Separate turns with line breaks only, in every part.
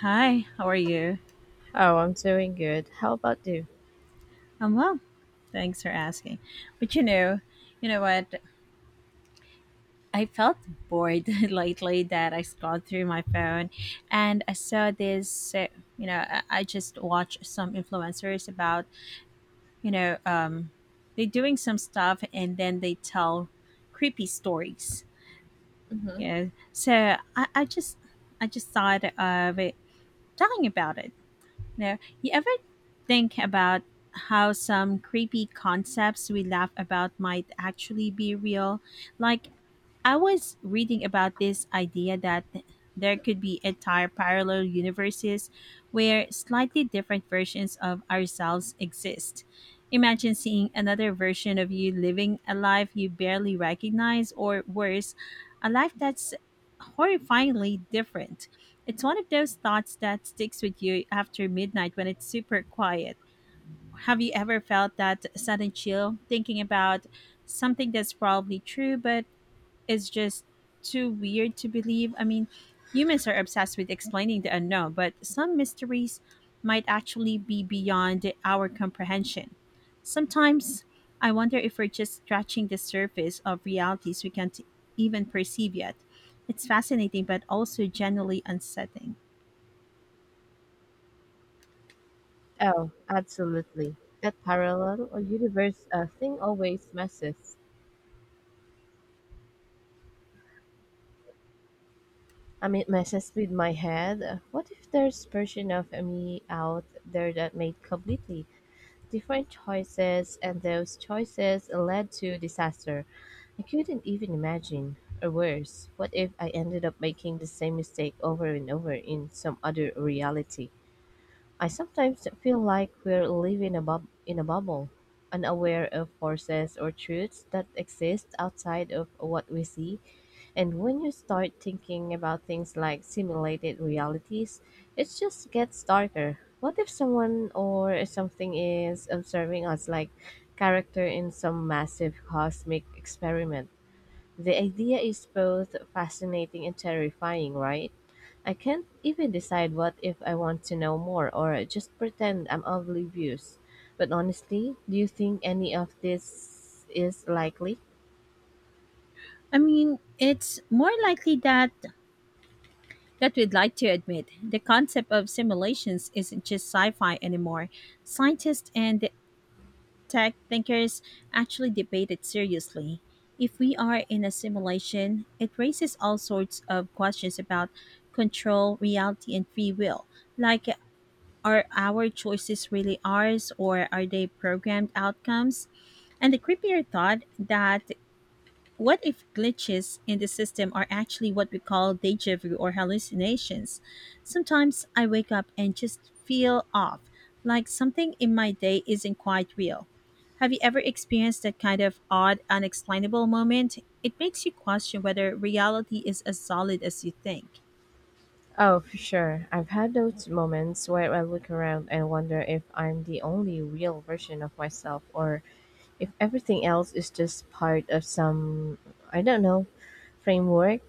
Hi, how are you?
Oh, I'm doing good. How about you?
I'm well. Thanks for asking. But you know what? I felt bored lately that I scrolled through my phone and I saw this. I just watched some influencers about, you know, um, they doing some stuff and then they tell creepy stories.
Hmm.
You know, so I, I just, I just thought of it, talking about it. No. You ever think about how some creepy concepts we laugh about might actually be real? Like, I was reading about this idea that there could be entire parallel universes where slightly different versions of ourselves exist. Imagine seeing another version of you living a life you barely recognize, or worse, a life that's horrifyingly different. It's one of those thoughts that sticks with you after midnight when it's super quiet. Have you ever felt that sudden chill thinking about something that's probably true but is just too weird to believe? I mean, humans are obsessed with explaining the unknown, but some mysteries might actually be beyond our comprehension. Sometimes I wonder if we're just scratching the surface of realities we can't even perceive yet. It's fascinating, but also generally unsettling.
Oh, absolutely. That parallel or universe thing always messes. I mean, it messes with my head. What if there's version of me out there that made completely different choices, and those choices led to disaster? I couldn't even imagine. Or worse, what if I ended up making the same mistake over and over in some other reality? I sometimes feel like we're living in a bubble, unaware of forces or truths that exist outside of what we see. And when you start thinking about things like simulated realities, it just gets darker. What if someone or something is observing us like character in some massive cosmic experiment? The idea is both fascinating and terrifying, right? I can't even decide what if I want to know more or just pretend I'm oblivious. But honestly, do you think any of this is likely?
I mean, it's more likely that we'd like to admit. The concept of simulations isn't just sci-fi anymore. Scientists and tech thinkers actually debate it seriously. If we are in a simulation, it raises all sorts of questions about control, reality, and free will. Like, are our choices really ours, or are they programmed outcomes? And the creepier thought, that what if glitches in the system are actually what we call deja vu or hallucinations? Sometimes I wake up and just feel off, like something in my day isn't quite real. Have you ever experienced that kind of odd, unexplainable moment? It makes you question whether reality is as solid as you think.
Oh, for sure. I've had those moments where I look around and wonder if I'm the only real version of myself or if everything else is just part of some, I don't know, framework.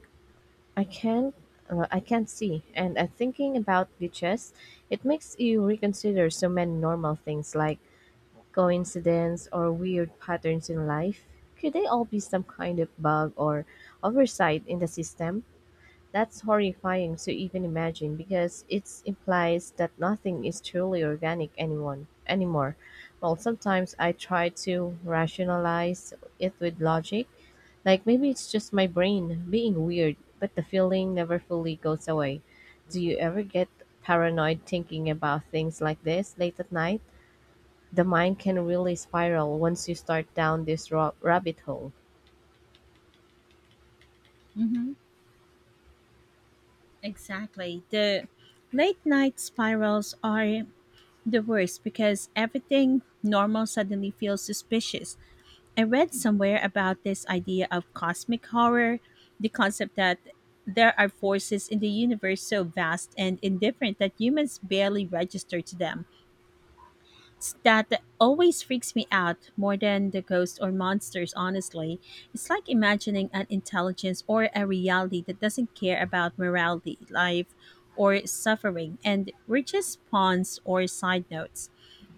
I can't. I can't see, and thinking about glitches, it makes you reconsider so many normal things like coincidence or weird patterns in life? Could they all be some kind of bug or oversight in the system? That's horrifying to even imagine because it implies that nothing is truly organic anyone anymore. Well, sometimes I try to rationalize it with logic, like maybe it's just my brain being weird, but the feeling never fully goes away. Do you ever get paranoid thinking about things like this late at night? The mind can really spiral once you start down this rabbit hole.
Mm-hmm. Exactly. The late night spirals are the worst because everything normal suddenly feels suspicious. I read somewhere about this idea of cosmic horror, the concept that there are forces in the universe so vast and indifferent that humans barely register to them. That always freaks me out more than the ghosts or monsters, honestly. It's like imagining an intelligence or a reality that doesn't care about morality, life, or suffering, and we're just pawns or side notes.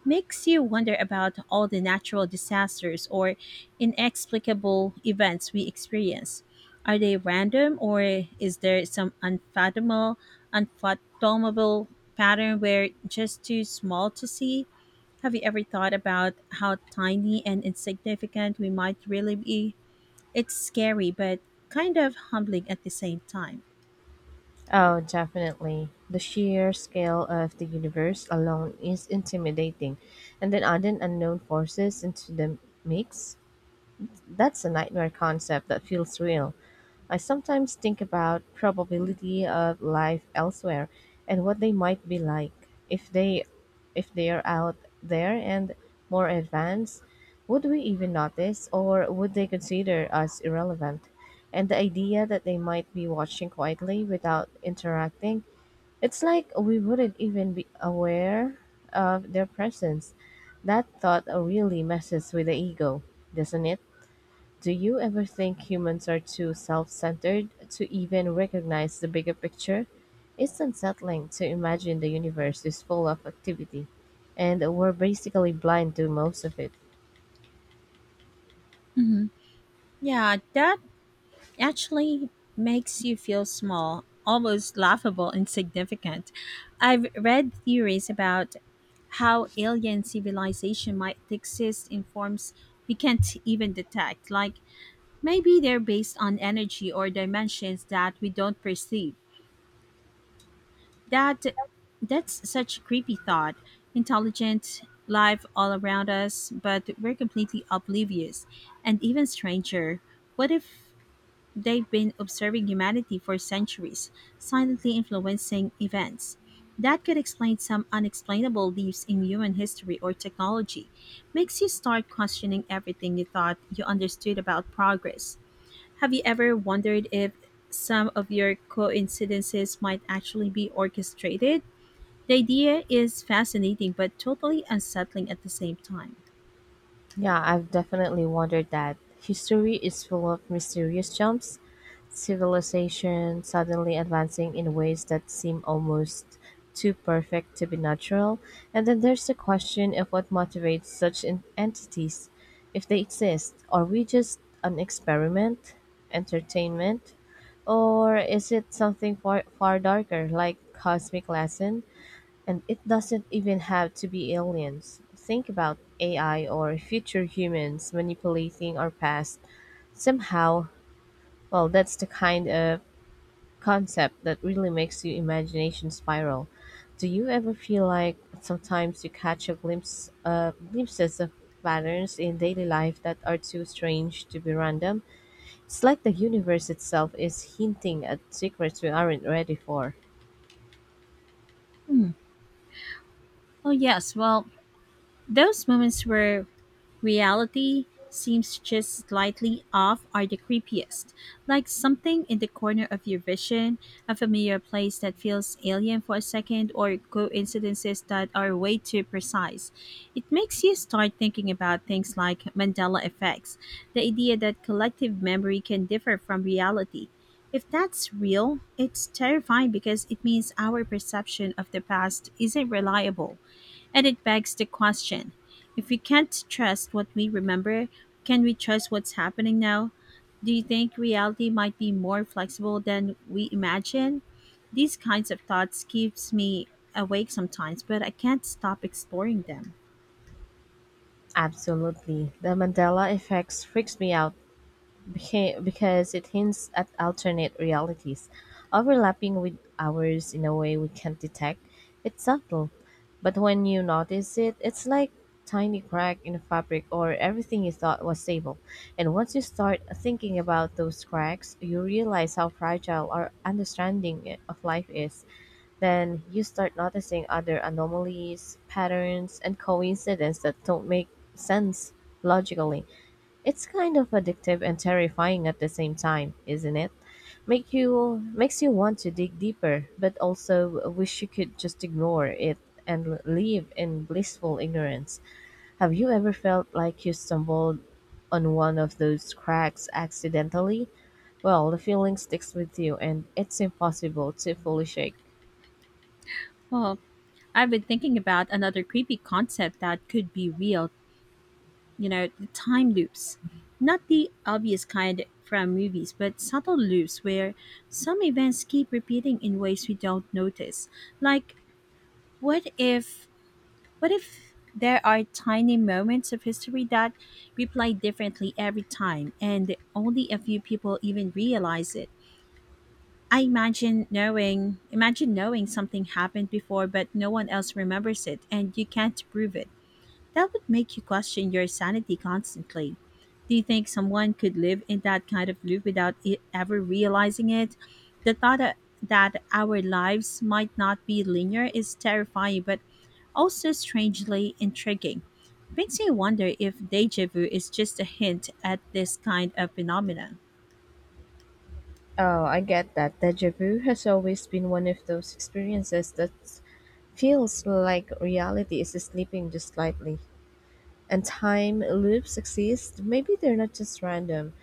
Makes you wonder about all the natural disasters or inexplicable events we experience. Are they random, or is there some unfathomable pattern we're just too small to see? Have you ever thought about how tiny and insignificant we might really be? It's scary, but kind of humbling at the same time.
Oh, definitely. The sheer scale of the universe alone is intimidating, and then adding unknown forces into the mix, that's a nightmare concept that feels real. I sometimes think about probability of life elsewhere and what they might be like if they if they're out there and more advanced. Would we even notice or would they consider us irrelevant? And the idea that they might be watching quietly without interacting, it's like we wouldn't even be aware of their presence. That thought really messes with the ego, doesn't it? Do you ever think humans are too self centered to even recognize the bigger picture? It's unsettling to imagine the universe is full of activity, and we're basically blind to most of it.
Hmm. Yeah, that actually makes you feel small, almost laughable, insignificant. I've read theories about how alien civilization might exist in forms we can't even detect. Like, maybe they're based on energy or dimensions that we don't perceive. That that's such a creepy thought. Intelligent life all around us, but we're completely oblivious. And even stranger, what if they've been observing humanity for centuries, silently influencing events? That could explain some unexplainable leaps in human history or technology. Makes you start questioning everything you thought you understood about progress. Have you ever wondered if some of your coincidences might actually be orchestrated? The idea is fascinating but totally unsettling at the same time.
Yeah, I've definitely wondered that. History is full of mysterious jumps, civilization suddenly advancing in ways that seem almost too perfect to be natural. And then there's the question of what motivates entities. If they exist, are we just an experiment, entertainment, or is it something far, far darker, like cosmic lesson? And it doesn't even have to be aliens. Think about AI or future humans manipulating our past somehow. Well, that's the kind of concept that really makes your imagination spiral. Do you ever feel like sometimes you catch a glimpse glimpses of patterns in daily life that are too strange to be random? It's like the universe itself is hinting at secrets we aren't ready for.
Hmm. Oh, yes. Well, those moments where reality seems just slightly off are the creepiest, like something in the corner of your vision, a familiar place that feels alien for a second, or coincidences that are way too precise. It makes you start thinking about things like Mandela effects, the idea that collective memory can differ from reality. If that's real, it's terrifying because it means our perception of the past isn't reliable. And it begs the question, if we can't trust what we remember, can we trust what's happening now? Do you think reality might be more flexible than we imagine? These kinds of thoughts keeps me awake sometimes, but I can't stop exploring them.
Absolutely. The Mandela effects freaks me out because it hints at alternate realities, overlapping with ours in a way we can't detect. It's subtle, but when you notice it, it's like tiny crack in a fabric or everything you thought was stable. And once you start thinking about those cracks, you realize how fragile our understanding of life is. Then you start noticing other anomalies, patterns, and coincidences that don't make sense logically. It's kind of addictive and terrifying at the same time, isn't it? Makes you want to dig deeper, but also wish you could just ignore it and live in blissful ignorance. Have you ever felt like you stumbled on one of those cracks accidentally? Well, the feeling sticks with you and it's impossible to fully shake.
Well, I've been thinking about another creepy concept that could be real, you know, the time loops. Not the obvious kind from movies, but subtle loops where some events keep repeating in ways we don't notice. Like, what if what if there are tiny moments of history that replay differently every time and only a few people even realize it? I imagine knowing Imagine knowing something happened before but no one else remembers it and you can't prove it. That would make you question your sanity constantly. Do you think someone could live in that kind of loop without it ever realizing it? The thought that our lives might not be linear is terrifying, but also strangely intriguing. It makes me wonder if deja vu is just a hint at this kind of phenomenon.
Oh, I get that. Deja vu has always been one of those experiences that feels like reality is sleeping just slightly. And time loops exist, maybe they're not just random.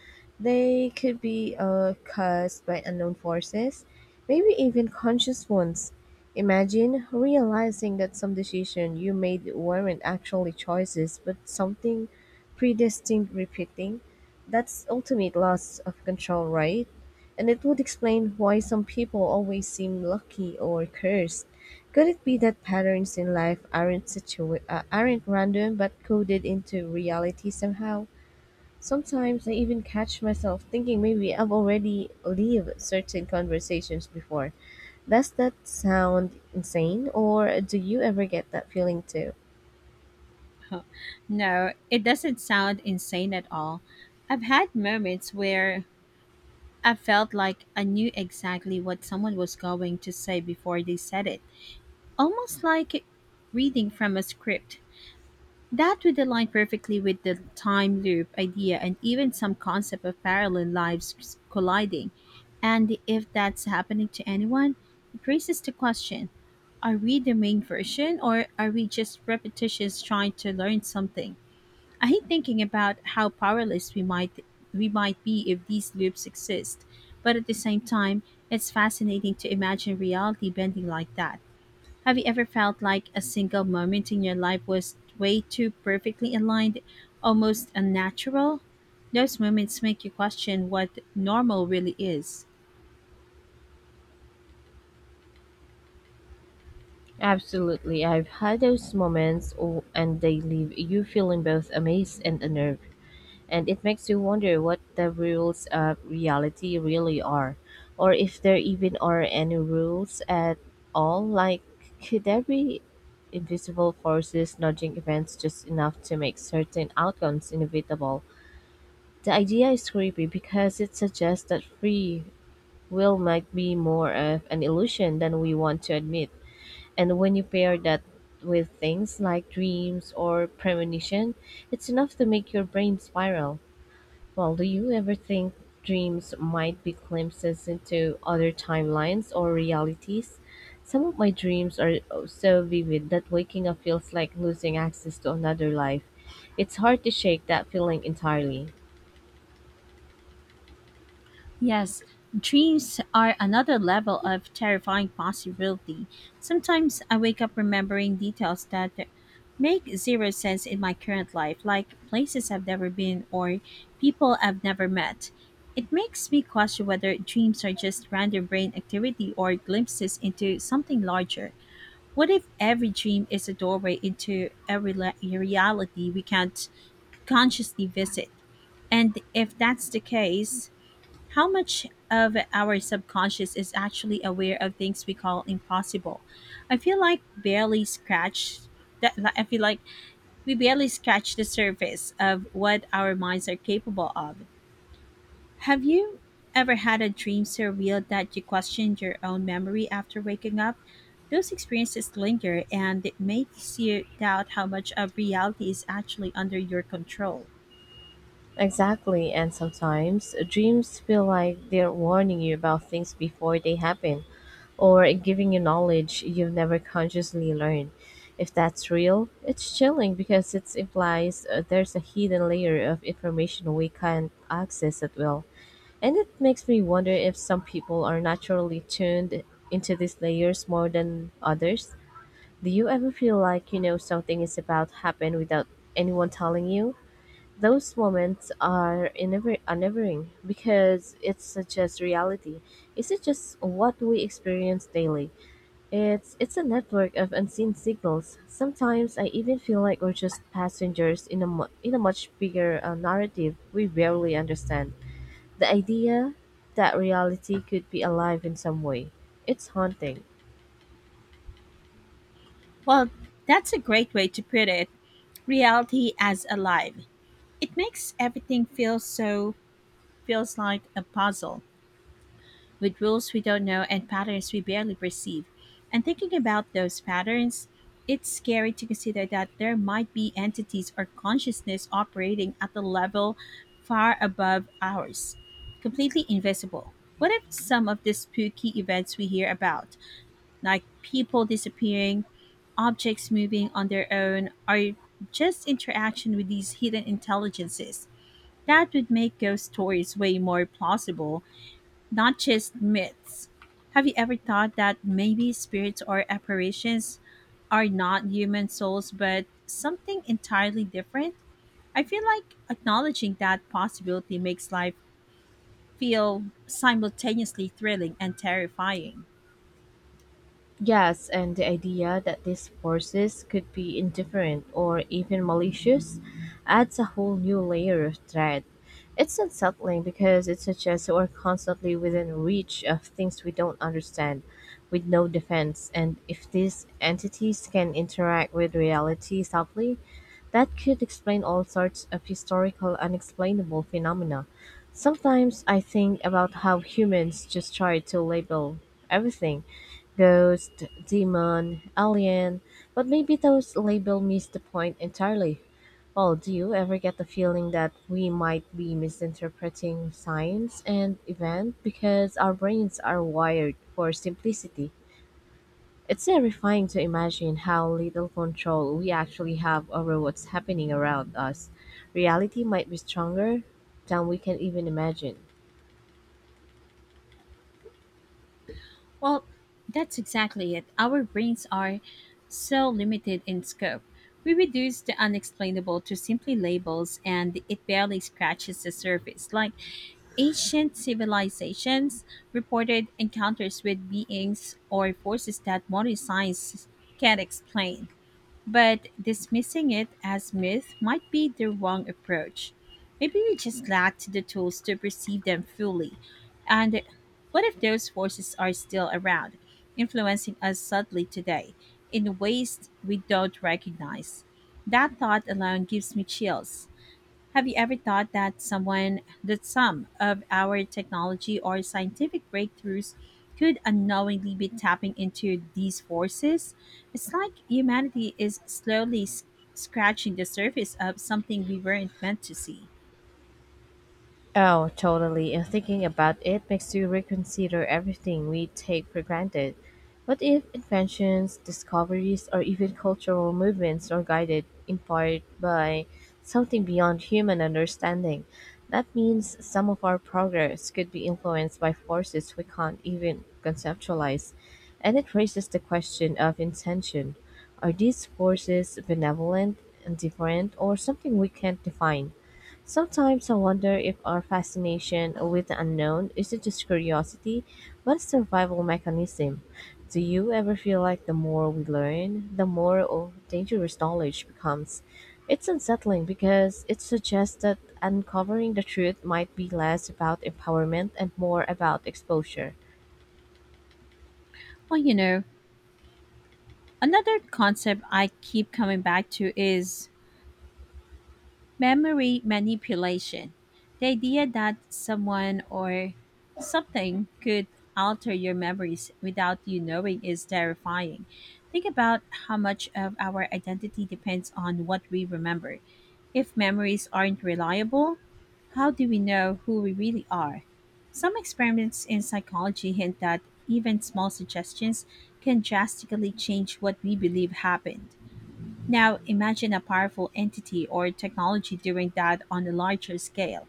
They could be caused by unknown forces, maybe even conscious ones. Imagine realizing that some decision you made weren't actually choices, but something predestined repeating. That's ultimate loss of control, right? And it would explain why some people always seem lucky or cursed. Could it be that patterns in life aren't random but coded into reality somehow? Sometimes I even catch myself thinking maybe I've already lived certain conversations before. Does that sound insane or do you ever get that feeling too?
No, it doesn't sound insane at all. I've had moments where I felt like I knew exactly what someone was going to say before they said it. Almost like reading from a script. That would align perfectly with the time loop idea and even some concept of parallel lives colliding. And if that's happening to anyone, it raises the question, are we the main version or are we just repetitions trying to learn something? I hate thinking about how powerless we might be if these loops exist. But at the same time, it's fascinating to imagine reality bending like that. Have you ever felt like a single moment in your life was way too perfectly aligned, almost unnatural? Those moments make you question what normal really is.
Absolutely. I've had those moments oh, and they leave you feeling both amazed and unnerved. And it makes you wonder what the rules of reality really are, or if there even are any rules at all. Like, could there be invisible forces nudging events just enough to make certain outcomes inevitable? The idea is creepy because it suggests that free will might be more of an illusion than we want to admit. And when you pair that with things like dreams or premonition, it's enough to make your brain spiral. Well, do you ever think dreams might be glimpses into other timelines or realities? Some of my dreams are so vivid that waking up feels like losing access to another life. It's hard to shake that feeling entirely.
Yes, dreams are another level of terrifying possibility. Sometimes I wake up remembering details that make zero sense in my current life, like places I've never been or people I've never met. It makes me question whether dreams are just random brain activity or glimpses into something larger. What if every dream is a doorway into a reality we can't consciously visit? And if that's the case, how much of our subconscious is actually aware of things we call impossible? I feel like barely scratch I feel like we barely scratch the surface of what our minds are capable of. Have you ever had a dream so real that you questioned your own memory after waking up? Those experiences linger and it makes you doubt how much of reality is actually under your control.
Exactly, and sometimes dreams feel like they're warning you about things before they happen, or giving you knowledge you've never consciously learned. If that's real, it's chilling because it implies there's a hidden layer of information we can't access at will. And it makes me wonder if some people are naturally tuned into these layers more than others. Do you ever feel like you know something is about to happen without anyone telling you? Those moments are unnerving because it suggests reality. Is it just what we experience daily? It's a network of unseen signals. Sometimes I even feel like we're just passengers in in a much bigger narrative we barely understand. The idea that reality could be alive in some way, it's haunting.
Well, that's a great way to put it, reality as alive. It makes everything feels like a puzzle with rules we don't know and patterns we barely perceive. And thinking about those patterns, it's scary to consider that there might be entities or consciousness operating at a level far above ours, completely invisible. What if some of the spooky events we hear about, like people disappearing, objects moving on their own, are just interaction with these hidden intelligences? That would make ghost stories way more plausible, not just myths. Have you ever thought that maybe spirits or apparitions are not human souls but something entirely different? I feel like acknowledging that possibility makes life feel simultaneously thrilling and terrifying.
Yes, and the idea that these forces could be indifferent or even malicious adds a whole new layer of dread. It's unsettling because it suggests we're constantly within reach of things we don't understand, with no defense, and if these entities can interact with reality subtly, that could explain all sorts of historical unexplainable phenomena. Sometimes I think about how humans just try to label everything: ghost, demon, alien, but maybe those labels miss the point entirely. Well, do you ever get the feeling that we might be misinterpreting science and event because our brains are wired for simplicity? It's terrifying to imagine how little control we actually have over what's happening around us. Reality might be stronger than we can even imagine.
Well, that's exactly it. Our brains are so limited in scope. We reduce the unexplainable to simply labels, and it barely scratches the surface. Like, ancient civilizations reported encounters with beings or forces that modern science can't explain. But dismissing it as myth might be the wrong approach. Maybe we just lacked the tools to perceive them fully. And what if those forces are still around, influencing us subtly today in ways we don't recognize? That thought alone gives me chills. Have you ever thought that some of our technology or scientific breakthroughs could unknowingly be tapping into these forces? It's like humanity is slowly scratching the surface of something we weren't meant to see.
Oh, totally. And thinking about it makes you reconsider everything we take for granted. What if inventions, discoveries, or even cultural movements are guided in part by something beyond human understanding? That means some of our progress could be influenced by forces we can't even conceptualize. And it raises the question of intention. Are these forces benevolent, indifferent, or something we can't define? Sometimes I wonder if our fascination with the unknown isn't just curiosity, but a survival mechanism. Do you ever feel like the more we learn, the more of dangerous knowledge becomes? It's unsettling because it suggests that uncovering the truth might be less about empowerment and more about exposure.
Well, you know, another concept I keep coming back to is memory manipulation. The idea that someone or something could alter your memories without you knowing is terrifying. Think about how much of our identity depends on what we remember. If memories aren't reliable, how do we know who we really are? Some experiments in psychology hint that even small suggestions can drastically change what we believe happened. Now imagine a powerful entity or technology doing that on a larger scale.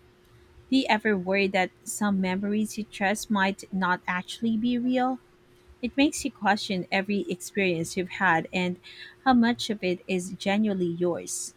Do you ever worry that some memories you trust might not actually be real? It makes you question every experience you've had and how much of it is genuinely yours.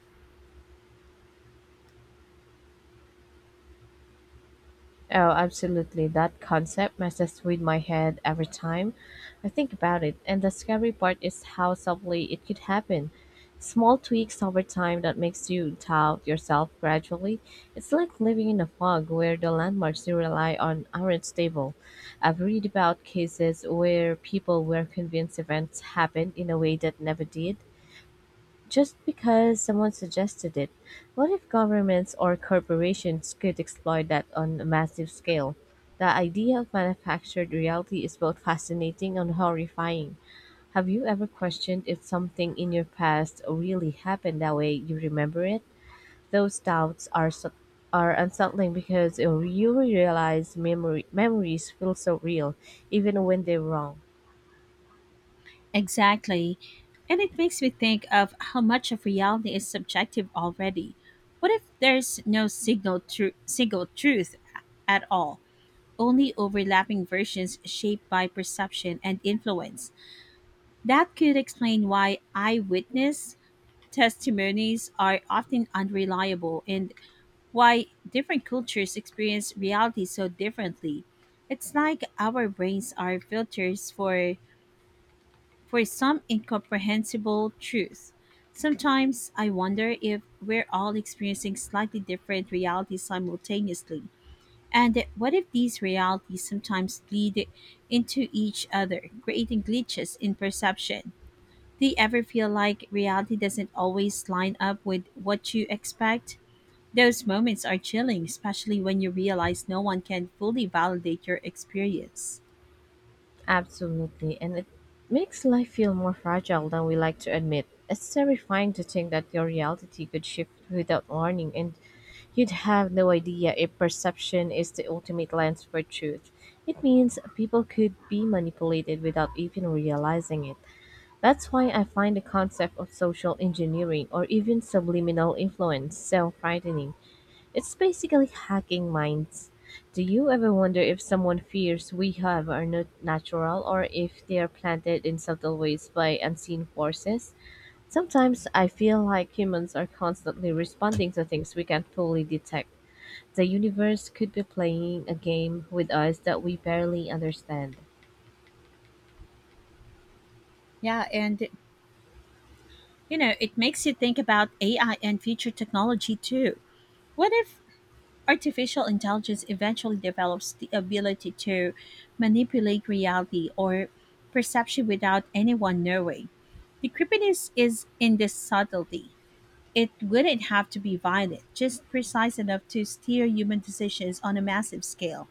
Oh, absolutely. That concept messes with my head every time I think about it. And the scary part is how subtly it could happen. Small tweaks over time that makes you doubt yourself gradually. It's like living in a fog where the landmarks you rely on aren't stable. I've read about cases where people were convinced events happened in a way that never did, just because someone suggested it. What if governments or corporations could exploit that on a massive scale? The idea of manufactured reality is both fascinating and horrifying. Have you ever questioned if something in your past really happened that way you remember it? Those doubts are unsettling because you realize memory memories feel so real, even when they're wrong.
Exactly. And it makes me think of how much of reality is subjective already. What if there's no single truth at all, only overlapping versions shaped by perception and influence? That could explain why eyewitness testimonies are often unreliable and why different cultures experience reality so differently. It's like our brains are filters for some incomprehensible truth. Sometimes I wonder if we're all experiencing slightly different realities simultaneously. And what if these realities sometimes bleed into each other, creating glitches in perception? Do you ever feel like reality doesn't always line up with what you expect? Those moments are chilling, especially when you realize no one can fully validate your experience.
Absolutely, and it makes life feel more fragile than we like to admit. It's terrifying to think that your reality could shift without warning, and you'd have no idea if perception is the ultimate lens for truth. It means people could be manipulated without even realizing it. That's why I find the concept of social engineering or even subliminal influence so frightening. It's basically hacking minds. Do you ever wonder if someone fears we have are not natural or if they are planted in subtle ways by unseen forces? Sometimes I feel like humans are constantly responding to things we can't fully detect. The universe could be playing a game with us that we barely understand.
Yeah, and it makes you think about AI and future technology too. What if artificial intelligence eventually develops the ability to manipulate reality or perception without anyone knowing? The creepiness is in this subtlety. It wouldn't have to be violent, just precise enough to steer human decisions on a massive scale.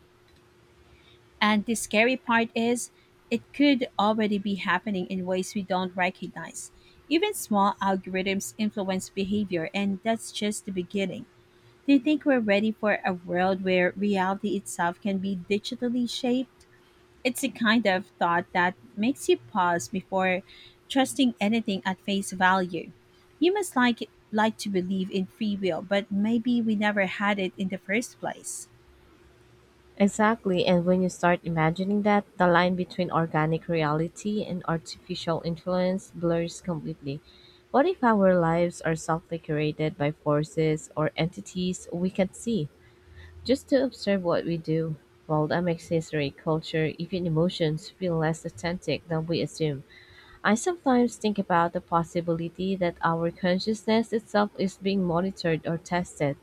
And the scary part is, it could already be happening in ways we don't recognize. Even small algorithms influence behavior, and that's just the beginning. Do you think we're ready for a world where reality itself can be digitally shaped? It's a kind of thought that makes you pause before trusting anything at face value. You must like to believe in free will, but maybe we never had it in the first place.
Exactly, and when you start imagining that, the line between organic reality and artificial influence blurs completely. What if our lives are softly curated by forces or entities we can't see? Just to observe what we do, while that makes history, culture, even emotions feel less authentic than we assume. I sometimes think about the possibility that our consciousness itself is being monitored or tested.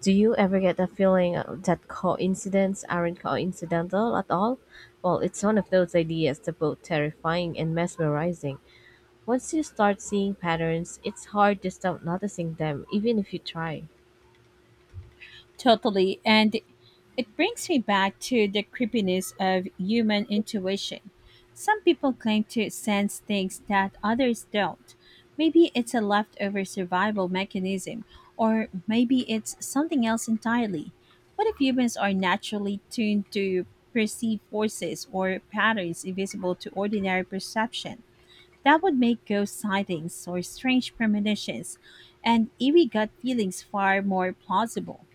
Do you ever get the feeling that coincidences aren't coincidental at all? Well, it's one of those ideas that's both terrifying and mesmerizing. Once you start seeing patterns, it's hard to stop noticing them, even if you try.
Totally. And it brings me back to the creepiness of human intuition. Some people claim to sense things that others don't. Maybe it's a leftover survival mechanism, or maybe it's something else entirely. What if humans are naturally tuned to perceive forces or patterns invisible to ordinary perception? That would make ghost sightings or strange premonitions and eerie gut feelings far more plausible.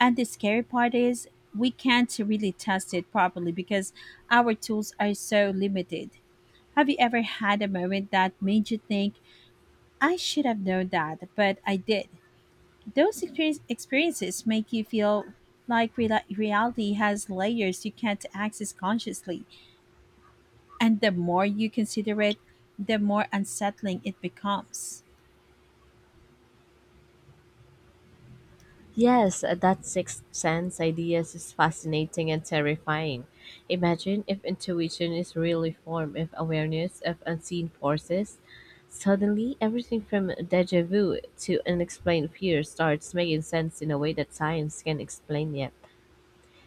And the scary part is we can't really test it properly because our tools are so limited. Have you ever had a moment that made you think, I should have known that, but I did? Experiences make you feel like reality has layers you can't access consciously. And the more you consider it, the more unsettling it becomes.
Yes, that sixth sense ideas is fascinating and terrifying. Imagine if intuition is really form of awareness of unseen forces. Suddenly, everything from deja vu to unexplained fear starts making sense in a way that science can explain yet.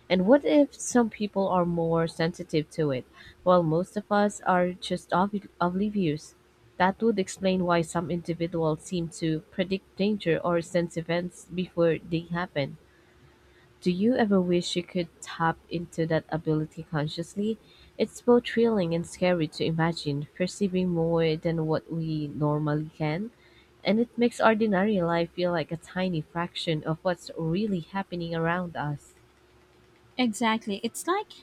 And what if some people are more sensitive to it, while most of us are just oblivious? That would explain why some individuals seem to predict danger or sense events before they happen. Do you ever wish you could tap into that ability consciously? It's both thrilling and scary to imagine, perceiving more than what we normally can, and it makes ordinary life feel like a tiny fraction of what's really happening around us.
Exactly. It's like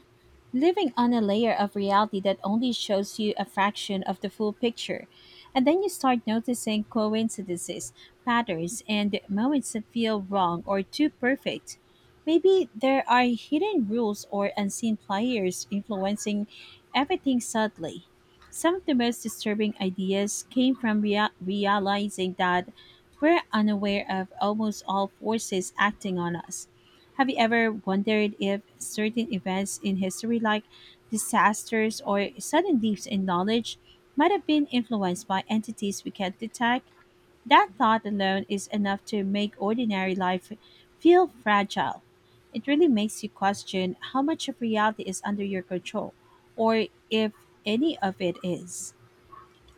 living on a layer of reality that only shows you a fraction of the full picture. And then you start noticing coincidences, patterns, and moments that feel wrong or too perfect. Maybe there are hidden rules or unseen players influencing everything subtly. Some of the most disturbing ideas came from realizing that we're unaware of almost all forces acting on us. Have you ever wondered if certain events in history, like disasters or sudden leaps in knowledge, might have been influenced by entities we can't detect? That thought alone is enough to make ordinary life feel fragile. It really makes you question how much of reality is under your control, or if any of it is.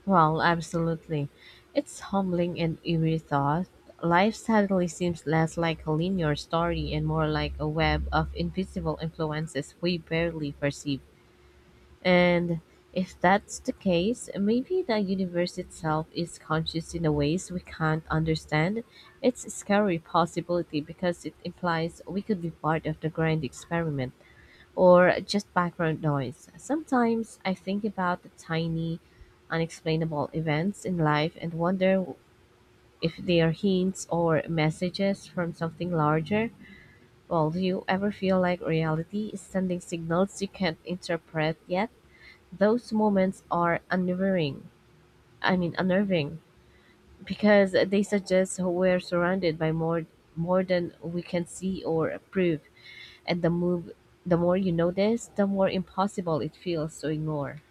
Well, absolutely. It's humbling and eerie thought. Life suddenly seems less like a linear story and more like a web of invisible influences we barely perceive. And if that's the case, maybe the universe itself is conscious in a ways we can't understand. It's a scary possibility because it implies we could be part of the grand experiment or just background noise. Sometimes I think about the tiny, unexplainable events in life and wonder if they are hints or messages from something larger. Well, do you ever feel like reality is sending signals you can't interpret yet? Those moments are unnerving. I mean unnerving because they suggest we're surrounded by more than we can see or approve, and the more you notice, the more impossible it feels to ignore.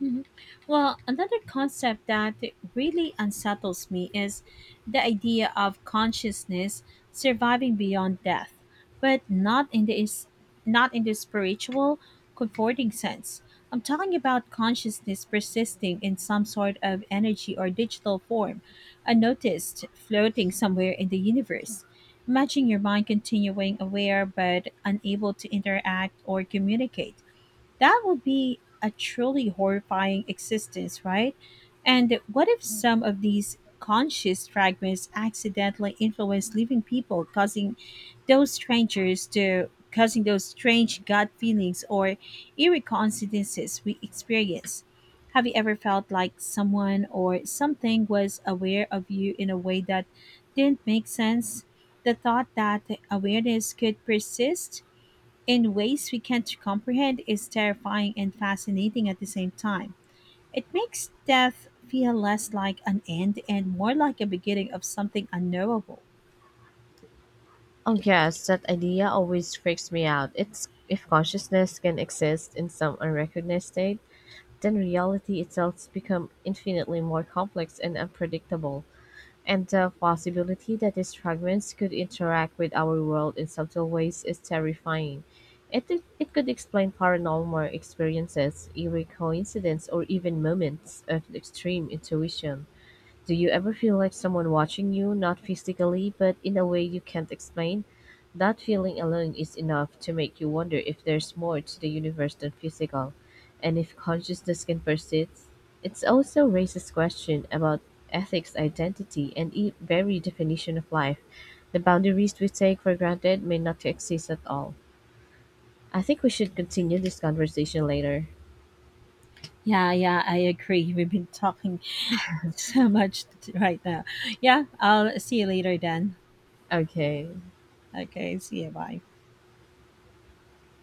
Mhm. Well, another concept that really unsettles me is the idea of consciousness surviving beyond death, but not in the spiritual, comforting sense. I'm talking about consciousness persisting in some sort of energy or digital form, unnoticed, floating somewhere in the universe. Imagine your mind continuing aware but unable to interact or communicate. That would be a truly horrifying existence, right? And what if some of these conscious fragments accidentally influence living people, causing those strangers to causing those strange gut feelings or eerie coincidences we experience? Have you ever felt like someone or something was aware of you in a way that didn't make sense? The thought that awareness could persist in ways we can't comprehend is terrifying and fascinating at the same time. It makes death feel less like an end and more like a beginning of something unknowable.
Oh yes, that idea always freaks me out. It's if consciousness can exist in some unrecognized state, then reality itself becomes infinitely more complex and unpredictable. And the possibility that these fragments could interact with our world in subtle ways is terrifying. It, it could explain paranormal experiences, eerie coincidences, or even moments of extreme intuition. Do you ever feel like someone watching you, not physically, but in a way you can't explain? That feeling alone is enough to make you wonder if there's more to the universe than physical, and if consciousness can persist. It also raises questions about ethics, identity, and very definition of life. The boundaries we take for granted may not exist at all. I think we should continue this conversation later.
Yeah, yeah, I agree. We've been talking so much right now. Yeah, I'll see you later then.
Okay.
Okay, see you. Bye.